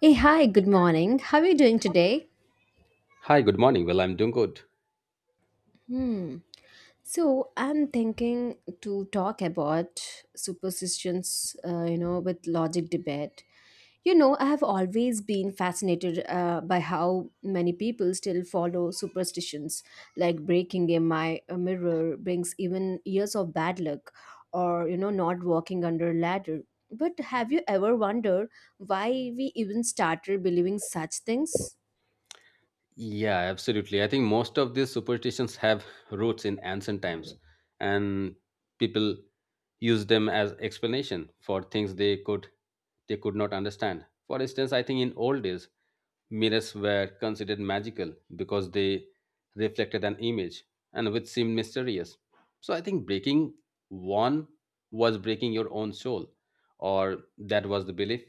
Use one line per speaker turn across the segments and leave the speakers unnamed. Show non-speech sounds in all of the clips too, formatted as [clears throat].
Hey, hi, good morning. How are you doing today?
Hi, good morning. Well, I'm doing good.
Hmm. I'm thinking to talk about superstitions, you know, with logic debate. You know, I have always been fascinated by how many people still follow superstitions, like breaking a mirror brings even years of bad luck, or, you know, not walking under a ladder. But have you ever wondered why we even started believing such things?
Yeah, absolutely. I think most of these superstitions have roots in ancient times, and people use them as explanation for things they could not understand. For instance, I think in old days, mirrors were considered magical because they reflected an image and which seemed mysterious. So I think breaking one was breaking your own soul, or that was the belief.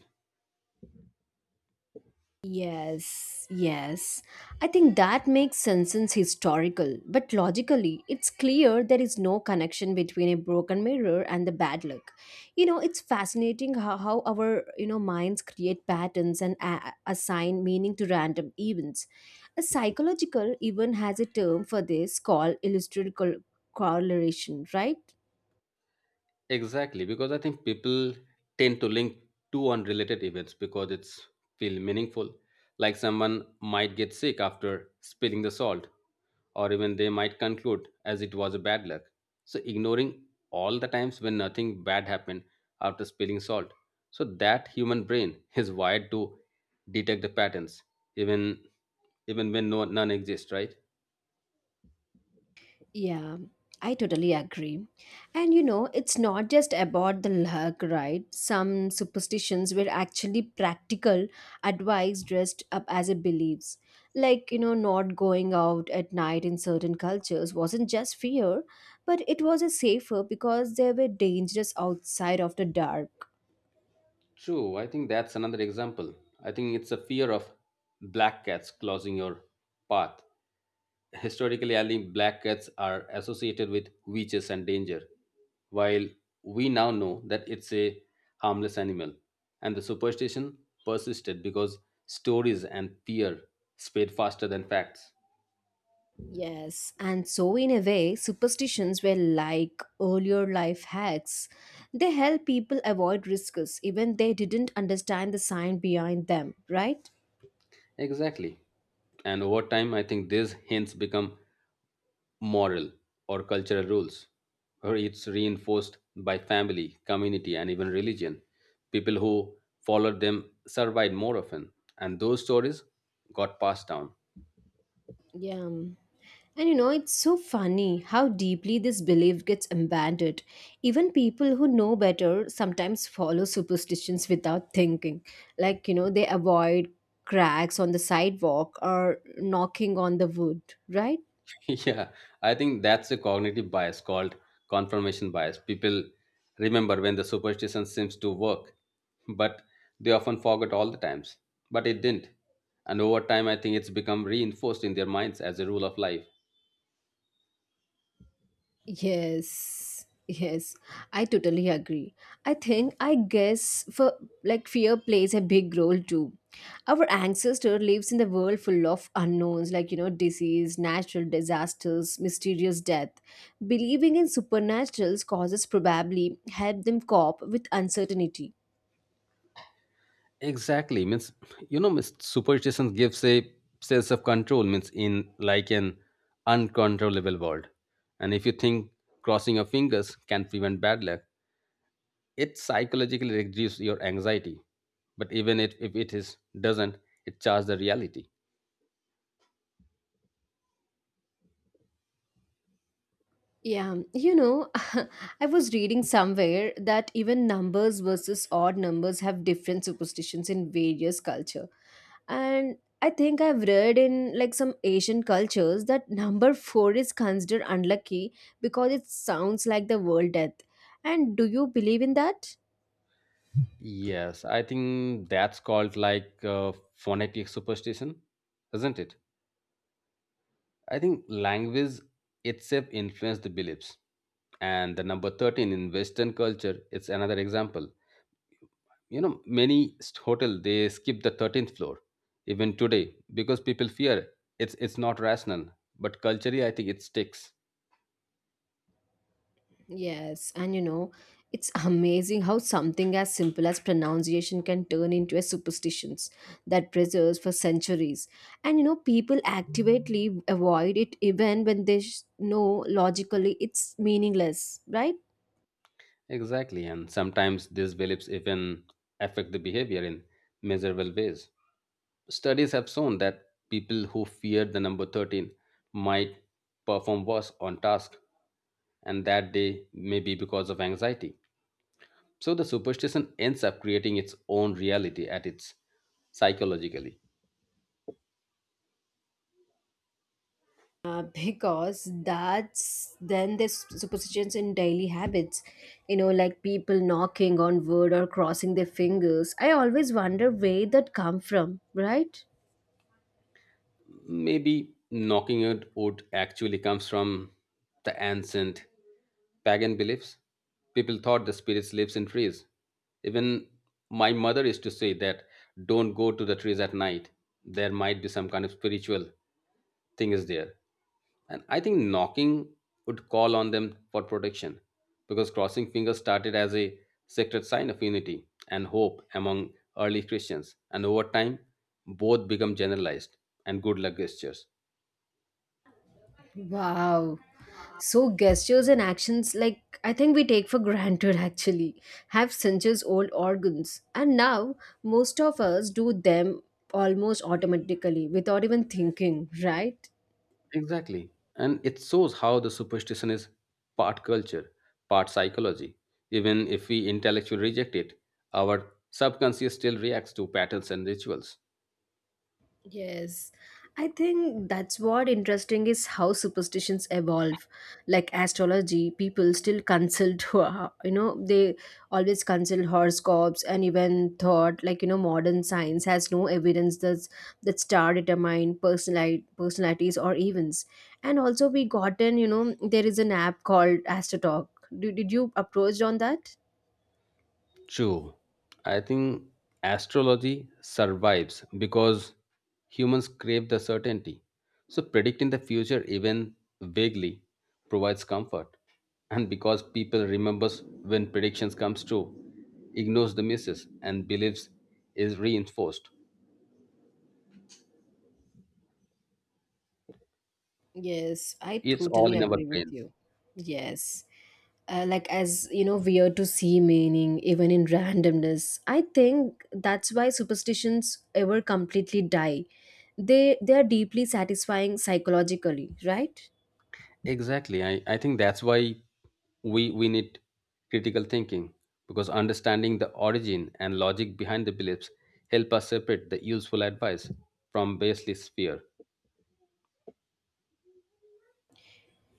Yes, yes. I think that makes Simpsons historical, but logically, it's clear there is no connection between a broken mirror and the bad luck. You know, it's fascinating how our minds create patterns and assign meaning to random events. A psychological even has a term for this called correlation, right?
Exactly, because I think people tend to link two unrelated events because it's feel meaningful. Like someone might get sick after spilling the salt, or even they might conclude as it was a bad luck. So ignoring all the times when nothing bad happened after spilling salt. So that human brain is wired to detect the patterns, even even when no none exists, right?
Yeah, I totally agree. And you know, it's not just about the luck, right? Some superstitions were actually practical advice dressed up as a beliefs. Like, you know, not going out at night in certain cultures wasn't just fear, but it was a safer because they were dangerous outside of the dark.
True, I think that's another example. I think it's a fear of black cats closing your path. Historically, I think black cats are associated with witches and danger, while we now know that it's a harmless animal. And the superstition persisted because stories and fear spread faster than facts.
Yes, and so in a way, superstitions were like earlier life hacks. They help people avoid risks even they didn't understand the sign behind them, right?
Exactly. And over time, I think these hints become moral or cultural rules, or it's reinforced by family, community, and even religion. People who followed them survived more often, and those stories got passed down.
Yeah. And you know, it's so funny how deeply this belief gets embedded. Even people who know better sometimes follow superstitions without thinking. Like, you know, they avoid cracks on the sidewalk or knocking on the wood, right?
[laughs] Yeah, I think that's a cognitive bias called confirmation bias. People remember when the superstition seems to work, but they often forget all the times. But it didn't. And over time, I think it's become reinforced in their minds as a rule of life.
Yes, yes, I totally agree. I guess, for like fear plays a big role too. Our ancestor lives in the world full of unknowns, like you know, disease, natural disasters, mysterious death. Believing in supernaturals causes probably help them cope with uncertainty.
Exactly. Means means superstition gives a sense of control, means in like an uncontrollable world. And if you think crossing your fingers can prevent bad luck, it psychologically reduces your anxiety. But even if it is doesn't, it charges the reality.
Yeah, you know, [laughs] I was reading somewhere that even numbers versus odd numbers have different superstitions in various culture. And I think I've read in like some Asian cultures that number 4 is considered unlucky because it sounds like the world death. And do you believe in that?
Yes, I think that's called like phonetic superstition, isn't it? I think language itself influences the beliefs. And the number 13 in Western culture, it's another example. You know, many st- hotel they skip the 13th floor even today because people fear it's not rational. But culturally, I think it sticks.
Yes, and you know, it's amazing how something as simple as pronunciation can turn into a superstitions that preserves for centuries. And you know, people actively avoid it even when they know logically it's meaningless, right?
Exactly, and sometimes these beliefs even affect the behavior in measurable ways. Studies have shown that people who fear the number 13 might perform worse on task and that they may be because of anxiety. So the superstition ends up creating its own reality at its psychologically.
Because that's then there's superstitions in daily habits, you know, like people knocking on wood or crossing their fingers. I always wonder where that come from, right?
Maybe knocking it wood actually comes from the ancient pagan beliefs. People thought the spirits lives in trees. Even my mother used to say that don't go to the trees at night. There might be some kind of spiritual thing is there. And I think knocking would call on them for protection because crossing fingers started as a sacred sign of unity and hope among early Christians. And over time, both become generalized and good luck gestures.
Wow. So, gestures and actions like I think we take for granted actually have centuries old organs, and now most of us do them almost automatically without even thinking, right?
Exactly. And it shows how the superstition is part culture, part psychology. Even if we intellectually reject it, our subconscious still reacts to patterns and rituals.
Yes, I think that's what interesting is how superstitions evolve. Like astrology, people still consult, [laughs] you know, they always consult horoscopes and even thought like you know modern science has no evidence that's that star determine personality personalities or events. And also we gotten you know there is an app called AstroTalk. Did you approach on that?
True. I think astrology survives because humans crave the certainty. So predicting the future even vaguely provides comfort. And because people remembers when predictions comes true, ignores the misses and beliefs is reinforced.
Yes, I
It's all
totally
in our
agree with
brains.
you. Yes. Like as you know weird to see meaning even in randomness, I think that's why superstitions ever completely die. They are deeply satisfying psychologically, right?
Exactly. I think that's why we need critical thinking because understanding the origin and logic behind the beliefs help us separate the useful advice from baseless fear.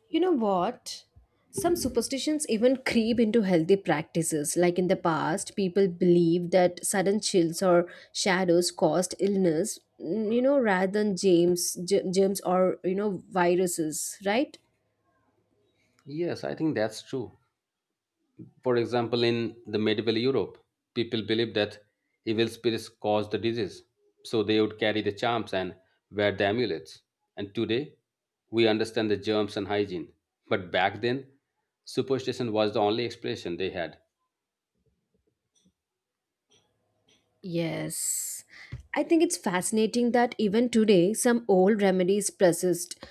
You know what, some superstitions even creep into healthy practices, like in the past people believed that sudden chills or shadows caused illness, you know, rather than germs or you know viruses, right?
Yes, I think that's true. For example, in the medieval Europe, people believed that evil spirits caused the disease, so they would carry the charms and wear the amulets. And today, we understand the germs and hygiene. But back then, superstition was the only expression they had.
Yes, I think it's fascinating that even today some old remedies persist.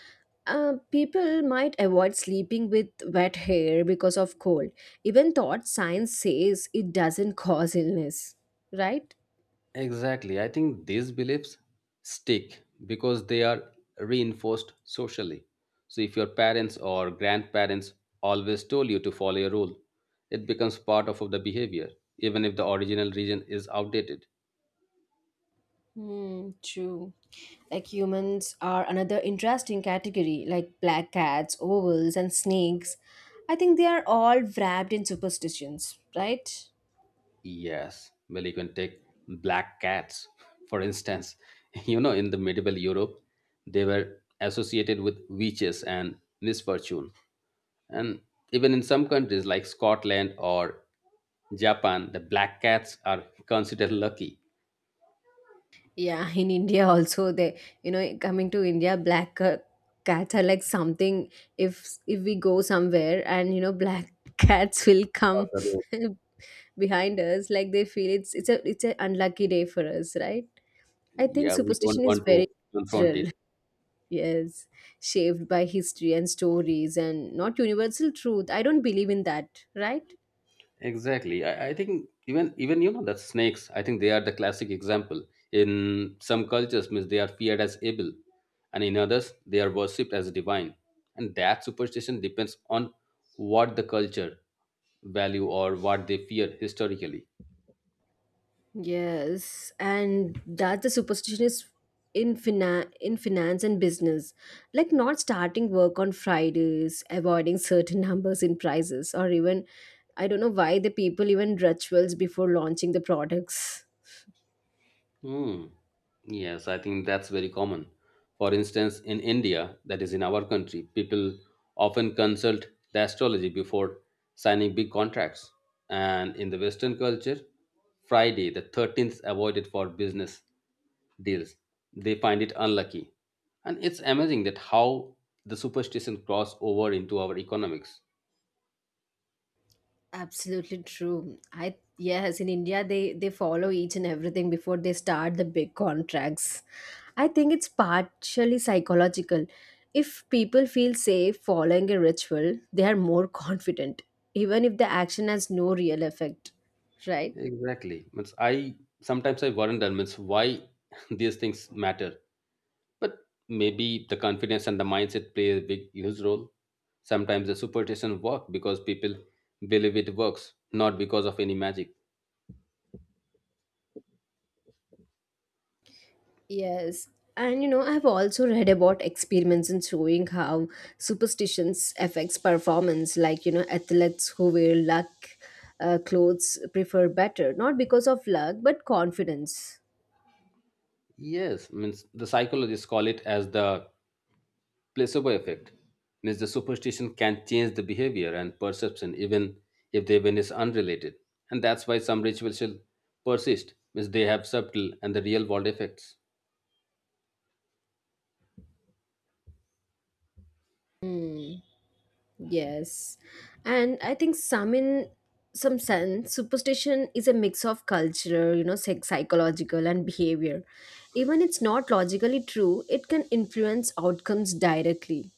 People might avoid sleeping with wet hair because of cold, even though science says it doesn't cause illness, right?
Exactly. I think these beliefs stick because they are reinforced socially. So, if your parents or grandparents always told you to follow a rule, it becomes part of the behavior, even if the original reason is outdated.
Hmm, true. Like humans are another interesting category, like black cats, owls, and snakes. I think they are all wrapped in superstitions, right?
Yes, well, you can take black cats, for instance. [laughs] You know, in the medieval Europe, they were associated with witches and misfortune. And even in some countries like Scotland or Japan, the black cats are considered lucky.
Yeah, [laughs] in India also they, you know, coming to India, black cats are like something. If we go somewhere and you know, black [laughs] cats will come
Because
[laughs] behind us, like they feel it's a it's an unlucky day for us, right? I think
yeah, we don't
superstition is
want to
very
confront
cultural.
it.
[laughs] Yes, shaped by history and stories, and not universal truth. I don't believe in that, right?
Exactly. I think even that snakes, I think they are the classic example. In some cultures, means they are feared as evil, and in others, they are worshipped as divine. And that superstition depends on what the culture value or what they fear historically.
Yes, and that the superstition is in finance and business, like not starting work on Fridays, avoiding certain [laughs] numbers in prices, or even I don't know why the people even rituals before launching the products.
Hmm. Yes, I think that's very common. For instance, in India, that is in our country, people often consult the astrology before signing big contracts. And in the Western culture, Friday, the 13th, avoided for business deals. They find it unlucky. And it's amazing that how the superstition cross over into our economics.
Absolutely true. I yes, in India they follow each and everything before they start the big contracts. I think it's partially psychological. If people feel safe following a ritual, they are more [laughs] confident, even if the action has no real effect, right?
Exactly. Means I sometimes I wonder means why [laughs] these things matter. But maybe the confidence and the mindset play a big huge role. Sometimes the superstition work because people believe it works, not because of any magic.
Yes. And you know, I've also read about experiments in showing how superstitions affects performance, like you know, athletes who wear luck clothes prefer better, not because of luck, but confidence.
Yes, means the psychologists call it as the placebo effect. Means the superstition can change the behavior and perception even if the event is unrelated. And that's why some rituals shall persist, means they have subtle and the real world effects.
Yes. And I think some in some sense, superstition is a mix of culture, you know, psychological and behavior. Even it's not logically true, it can influence outcomes directly.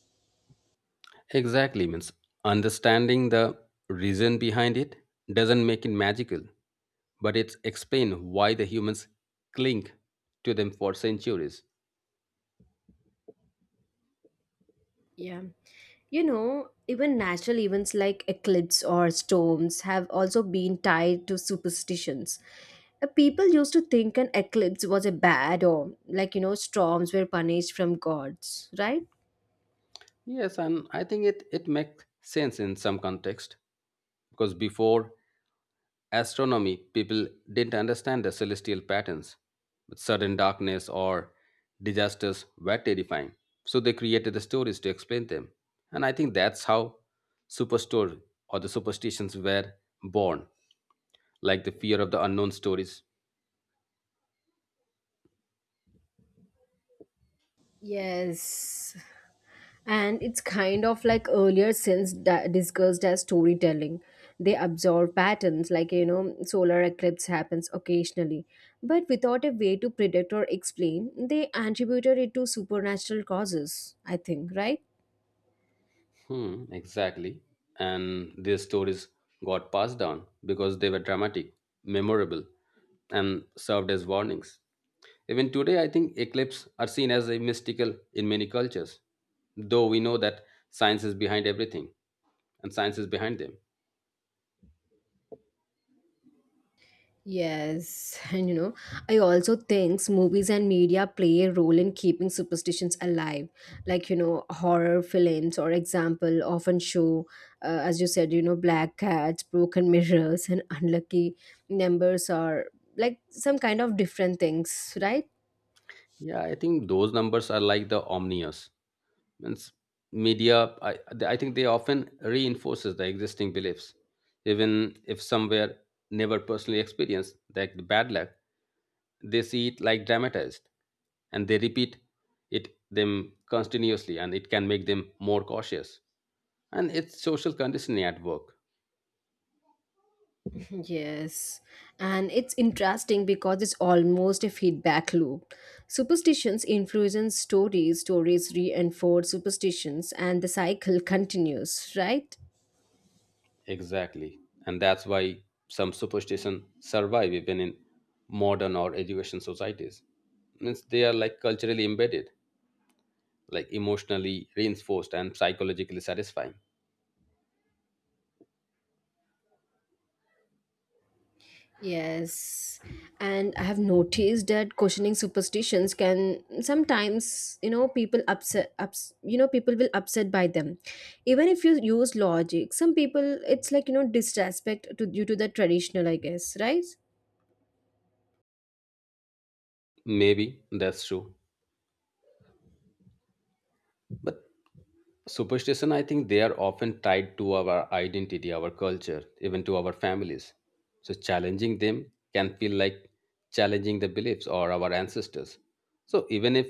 Exactly, means understanding the reason behind it doesn't make it magical, but it's explain why the humans cling to them for centuries.
Yeah. You know, even natural events like eclipse or storms have also been tied to superstitions. People used to think an eclipse was a bad or, like, you know, storms were punished from gods, right?
Yes, and I think it makes sense in some context because before astronomy, people didn't understand the celestial patterns, but sudden darkness or disasters were terrifying. So they created the stories to explain them. And I think that's how superstore or the superstitions were born, like the fear of the unknown stories.
Yes. And it's kind of like earlier since discussed as storytelling. They observe patterns, like, you know, solar eclipse happens occasionally. But without a way to predict or explain, they attributed it to supernatural causes, I think, right?
Hmm, exactly. And these stories got passed down because they were dramatic, memorable, and served as warnings. Even today, I think eclipses are seen as a mystical in many cultures, though we know that science is behind everything and science is behind them.
Yes, [laughs] and you know, I also think movies and media play a role in keeping superstitions alive. Like, you know, horror films, or example, often show, as you said, you know, black cats, broken [laughs] mirrors, and unlucky numbers or like some kind of different things, right?
Yeah, I think those numbers are like the omnius. Means media, I think they often reinforces the existing beliefs. Even if somewhere never personally experienced like the bad luck, they see it like dramatized and they repeat it them continuously and it can make them more cautious. And it's social conditioning at work.
Yes, and it's interesting because it's almost a feedback loop. Superstitions influence stories, stories reinforce superstitions, and the cycle continues, right?
Exactly. And that's why some superstition survive even in modern or education societies. Means they are like culturally embedded, like emotionally reinforced and psychologically satisfying.
Yes, and I have noticed that questioning superstitions can sometimes, you know, you know, people will upset by them. Even if you use logic, some people, it's like, you know, disrespect to, due to the traditional, I guess, right?
Maybe that's true. But superstition, I think they are often tied to our identity, our culture, even to our families. So challenging them can feel like challenging the beliefs or our ancestors. So even if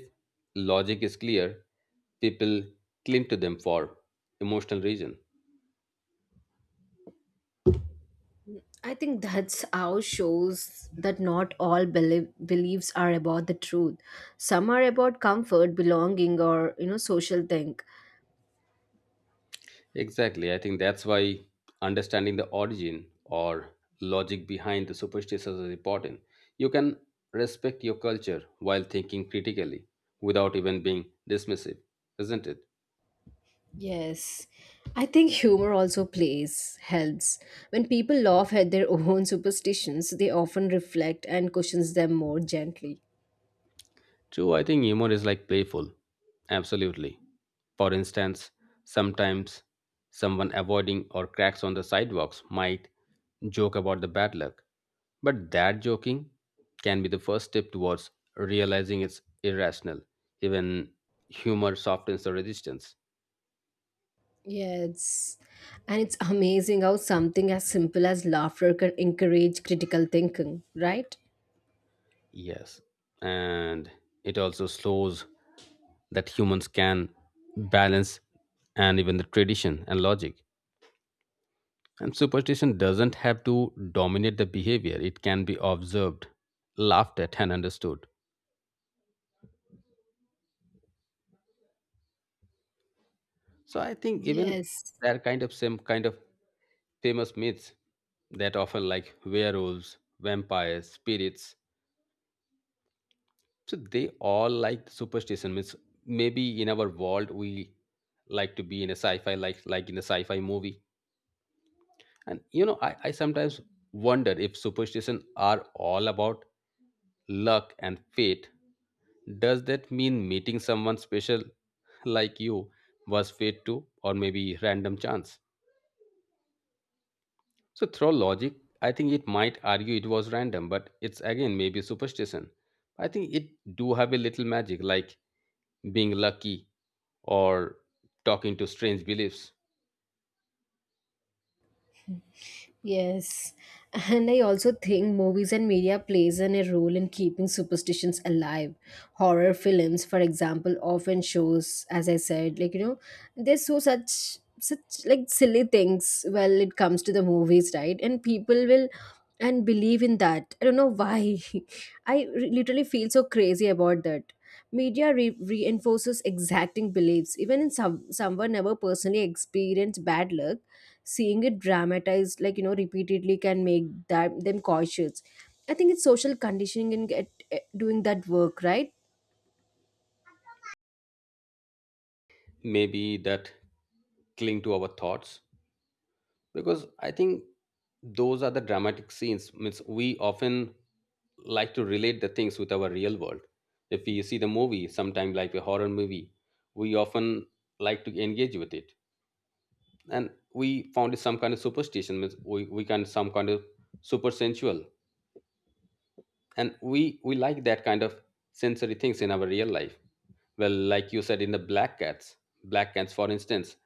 logic is clear, people cling to them for emotional reason.
I think that's how shows that not all beliefs are about the truth. Some are about comfort, belonging, or you know, social thing.
Exactly. I think that's why understanding the origin or logic behind the superstitions is important. You can respect your culture while thinking critically without even being dismissive, isn't it?
Yes, I think humor also plays helps. When people laugh at their [laughs] own superstitions, they often reflect and cushions them more gently.
True, I think humor is like playful. Absolutely. For instance, sometimes someone avoiding or cracks on the sidewalks might joke about the bad luck. But that joking can be the first step towards realizing it's irrational. Even humor softens the resistance.
Yes, and it's amazing how something as simple as laughter can encourage critical thinking, right?
Yes. And it also slows that humans can balance and even the tradition and logic. And superstition doesn't have to dominate the behavior, it can be observed, laughed at, and understood. So I think even
Yes.
that kind of same kind of famous myths that often like werewolves, vampires, spirits. So they all like superstition myths. Maybe in our world we like to be in a sci-fi like in a sci-fi movie. And I sometimes wonder if superstition are all about luck and fate. Does that mean meeting someone special [laughs] like you was fate too, or maybe random chance? So, through logic, I think it might argue it was random, but it's again maybe superstition. I think it do have a little magic, like being lucky or talking to strange beliefs.
Yes, and I also think movies and media plays an, a role in keeping superstitions alive. Horror films, for example, often shows, as I said, like you know, they show such like silly things. Well, it comes to the movies, right? And people will and believe in that. I don't know why. [laughs] I literally feel so crazy about that. Media reinforces exacting beliefs. Even in some someone never personally experienced bad luck, seeing it dramatized, like you know, repeatedly can make that, them cautious. I think it's social conditioning and get doing that work, right?
Maybe that cling to our thoughts because I think those are the dramatic scenes means we often like to relate the things with our real world if we see the movie sometime like a horror movie we often like to engage with it and we found it some kind of superstition means we can some kind of super sensual and we like that kind of sensory things in our real life well like you said in the black cats for instance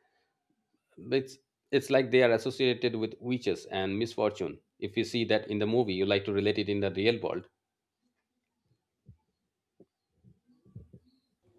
it's it's like they are associated with witches and misfortune. If you see that in the movie, you like to relate it in the real world,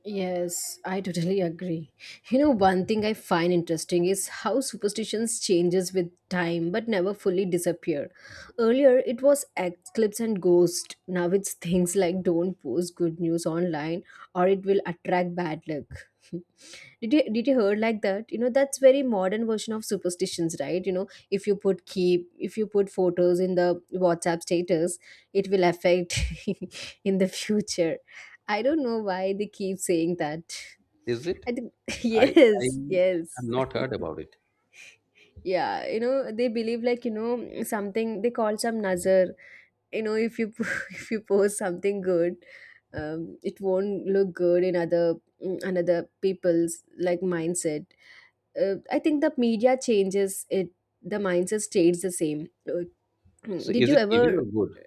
Yes, I totally agree. You know, one thing I find interesting is how superstitions changes with time but never fully disappear. Earlier it was eclipse and ghost. Now it's things like don't post good news online or it will attract bad luck. [laughs] Did you heard like that? You know, that's very modern version of superstitions, right? You know, if you put photos in the WhatsApp status, it will affect [laughs] in the future. I don't know why they keep saying that.
is it?
I think [laughs]
I I
yes,
have
yes.
not heard about it.
Yeah, you know, they believe like, you know, something they call some nazar. You know, if you [laughs] if you post something good, it won't look good in other in another people's like mindset. I think the media changes it. The mindset stays the same. [clears throat]
So
Did
is
you
it evil
ever?
or good?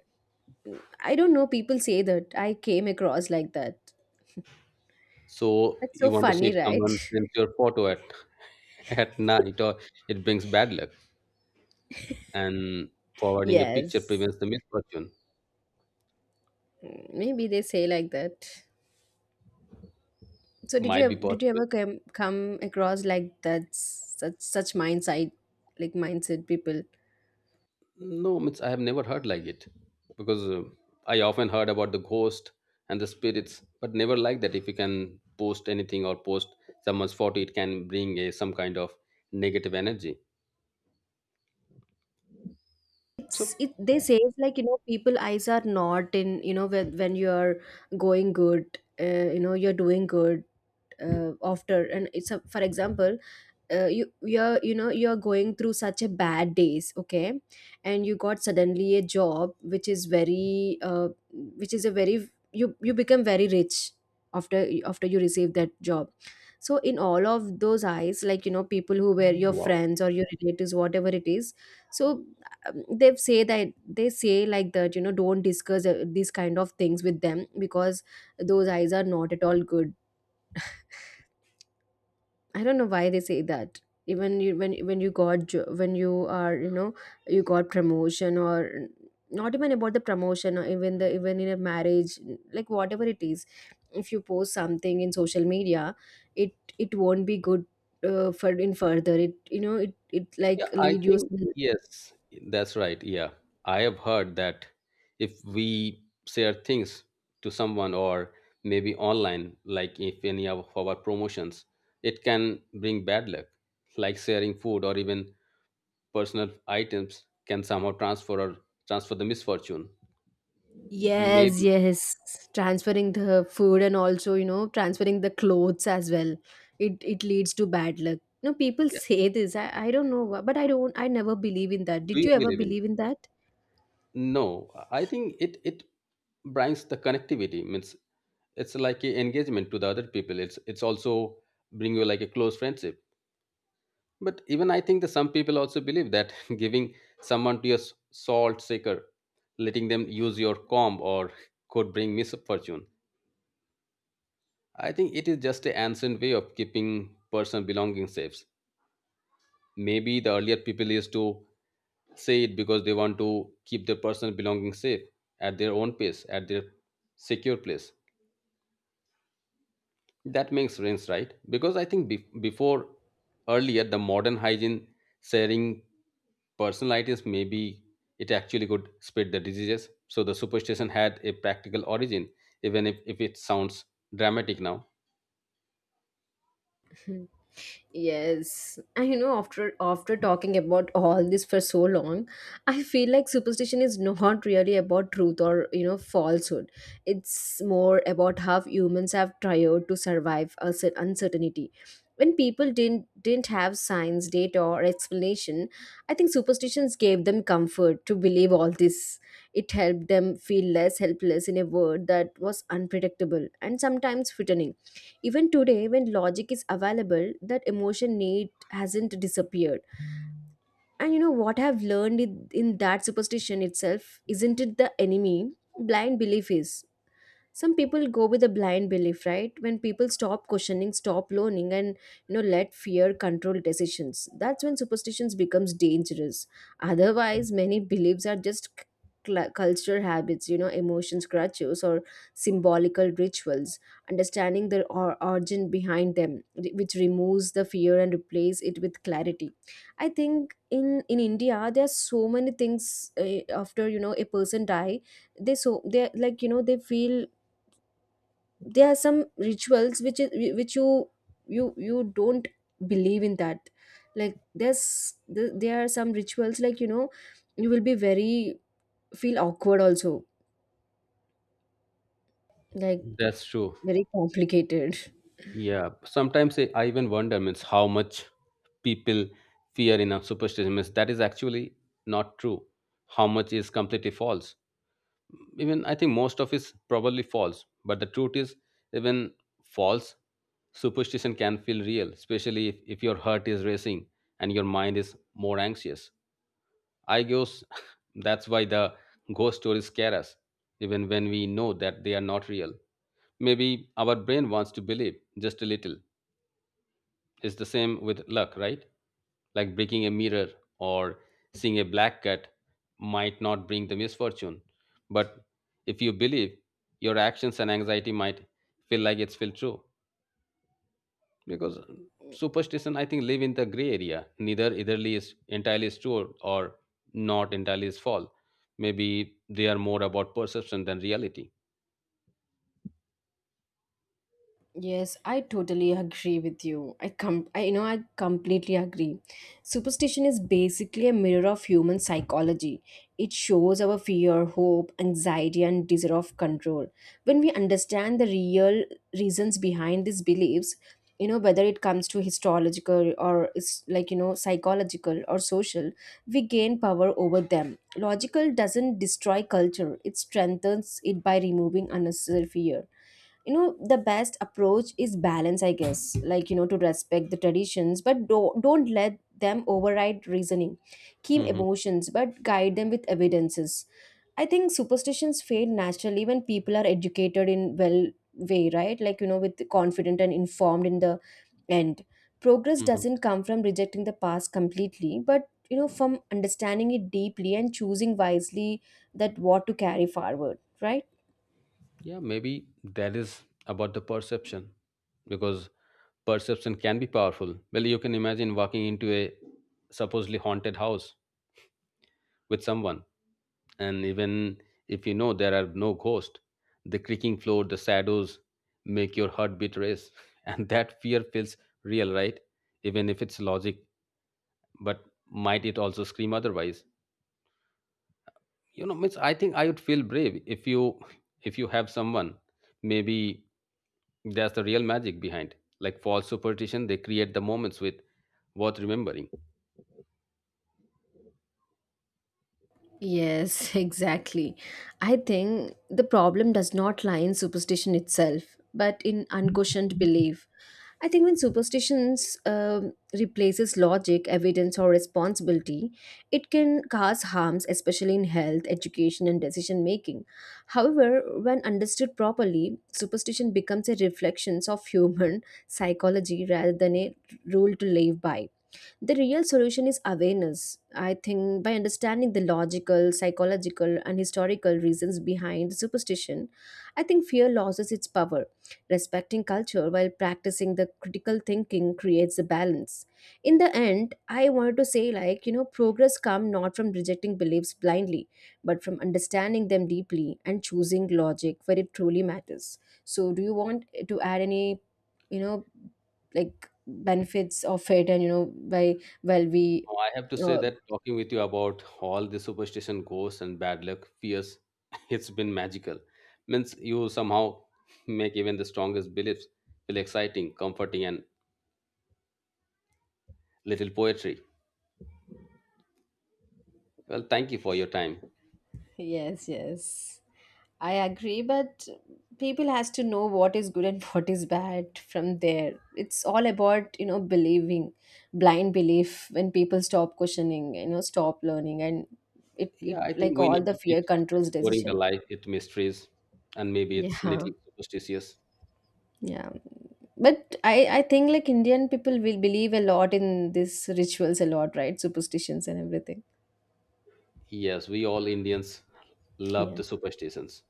I don't know. People say that. I came across like that.
So
That's so
you want to see
funny,
if
right?
someone sends your photo at [laughs] at night or it brings bad luck, and
[laughs]
forwarding a picture
Yes.
prevents the misfortune.
Maybe they say like that. So
Might be
did you
possible.
ever come across like that such mindset like mindset people?
No, means I have never heard like it because I often heard about the ghost and the spirits, but never like that. If you can post anything or post someone's photo, it can bring a some kind of negative energy.
It's
So
it they say it's like you know people eyes are not in you know when you're going good you know you're doing good. After and It's a, for example you know you're going through such a bad days, okay, and you got suddenly a job which is very which is a very you you become very rich after you receive that job, so in all of those eyes like you know people who were your
wow,
friends or your relatives whatever it is, so they say like that you know don't discuss these kind of things with them, because those eyes are not at all good. I don't know why they say that. Even you, when you got when you are you got promotion or not even about the promotion or even the even in a marriage, like whatever it is, if you post something in social media, it it won't be good for in further. It
yeah,
like
I
lead you.
think yes, that's right. Yeah, I have heard that if we share things to someone or maybe online, like if any of our promotions, it can bring bad luck, like sharing food or even personal items can somehow transfer or transfer the misfortune
Yes,
maybe.
yes. Transferring the food and also, you know, transferring the clothes as well. It leads to bad luck. You know, people
Yeah.
say this. I don't know, but I don't. I never believe in that.
Do
Did
you
you ever
believe in it?
believe in that?
No, I think it brings the connectivity means it's like a engagement to the other people. It's also bring you like a close friendship, but even I think that some people also believe that [laughs] giving someone to your salt shaker, letting them use your comb or could bring misfortune. I think it is just an ancient way of keeping personal belongings safe. Maybe the earlier people used to say it because they want to keep their personal belongings safe at their own pace, at their secure place. That makes sense, right? Because I think before earlier the modern hygiene, sharing personal items maybe it actually could spread the diseases, so the superstition had a practical origin even if it sounds dramatic now.
[laughs] Mhm. Yes, and you know, after talking about all this for so long, I feel like superstition is [laughs] not really about truth or you know falsehood. It's more about how humans have tried to survive a uncertainty. When people didn't have science, data, or explanation, I think superstitions gave them comfort to believe all this. It helped them feel less helpless in a world that was unpredictable and sometimes frightening. Even today, when logic is available, that emotion need hasn't disappeared. And you know what I've learned in that superstition itself isn't it the enemy? Blind belief is, some people go with a blind belief, right? When people stop questioning, stop learning and you know let fear control decisions, that's when superstitions becomes dangerous. Otherwise, many beliefs are just cultural habits, you know, emotions crutches or symbolical rituals. Understanding the origin behind them which removes the fear and replace it with clarity. I think in India there are so many things, after you know a person die, they so they like you know they feel there are some rituals which is which you you don't believe in that. Like there's, there are some rituals, like you know, you will be very, feel awkward also, like,
That's true.
very complicated.
Yeah, sometimes I even wonder means how much people fear in a superstition means that is actually not true. How much is completely false? Even I think most of is probably false. But the truth is even false superstition can feel real, especially if your heart is racing and your mind is more anxious. I guess [laughs] that's why the ghost stories scare us, even when we know that they are not real. Maybe our brain wants to believe just a little. It's the same with luck, right? Like breaking a mirror or seeing a black cat might not bring the misfortune. But if you believe, your actions and anxiety might feel like it's feel true. Because superstition, I think, live in the gray area. Neither eitherly is entirely is true or not entirely is false. Maybe they are more about perception than reality.
Yes, I totally agree with you. I you know I completely agree. Superstition is basically a mirror of human psychology. It shows our fear, hope, anxiety and desire of control. When we understand the real reasons behind these beliefs, you know whether it comes to histological or is like you know psychological or social, we gain power over them. Logical doesn't destroy culture. It strengthens it by removing unnecessary fear. You know, the best approach is balance, I guess. Like you know, to respect the traditions but don't let them override reasoning. Keep
Hmm.
emotions but guide them with evidences. I think superstitions fade naturally when people are educated in well way, right? Like you know, with confident and informed in the end, progress
Hmm.
doesn't come from rejecting the past completely but you know from understanding it deeply and choosing wisely. That what to carry forward, right?
Yeah, maybe that is about the perception. Because perception can be powerful. Well, you can imagine walking into a supposedly haunted house with someone, and even if you know there are no ghosts, the creaking floor, the shadows make your heartbeat race, [laughs] and that fear feels real, right? Even if it's logic, but might it also scream otherwise? Means I think I would feel brave if you have someone. Maybe that's the real magic behind. Like false superstition, they create the moments with worth remembering.
Yes, [laughs] exactly. I think the problem does not lie in superstition itself, but in unquestioned belief. I think when superstitions replaces logic, evidence, or responsibility, it can cause harms, especially in health, education, and decision making. However, when understood properly, superstition becomes a reflection of human [laughs] psychology rather than a rule to live by. The real solution is awareness. I think by understanding the logical, psychological, and historical reasons behind superstition, I think fear loses its power. Respecting culture while practicing the critical thinking creates a balance. In the end, I wanted to say, like, you know, progress come not from rejecting beliefs blindly, but from understanding them deeply and choosing logic where it truly matters. So do you want to add any, you know, like benefits of it and you know by well we
Oh, I have to say
uh,
that talking with you about all the superstition, ghosts, and bad luck, fears, [laughs] it's been magical. Means you somehow make even the strongest beliefs feel exciting, comforting, and little poetry. Well, thank you for your time.
Yes, yes. I agree, but people has to know what is good and [laughs] what is bad from there. It's all about, you know, believing, blind belief when people stop questioning, you know, stop learning and it
Yeah, I think
like
we
all
need
the
to keep
fear controls
exploring the
decision.
life, its mysteries, and maybe it's
Yeah.
little superstitious.
Yeah. But I think like Indian people will believe a lot in these rituals a lot, right? Superstitions and everything.
Yes, we all Indians love
Yeah.
the superstitions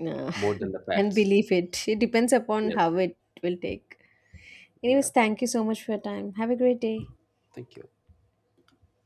Uh,
more
[laughs]
than the
and
facts.
believe it. It depends upon how
Yes.
it will take. Anyways,
Yeah.
thank you so much for your time. Have a great day.
Thank you.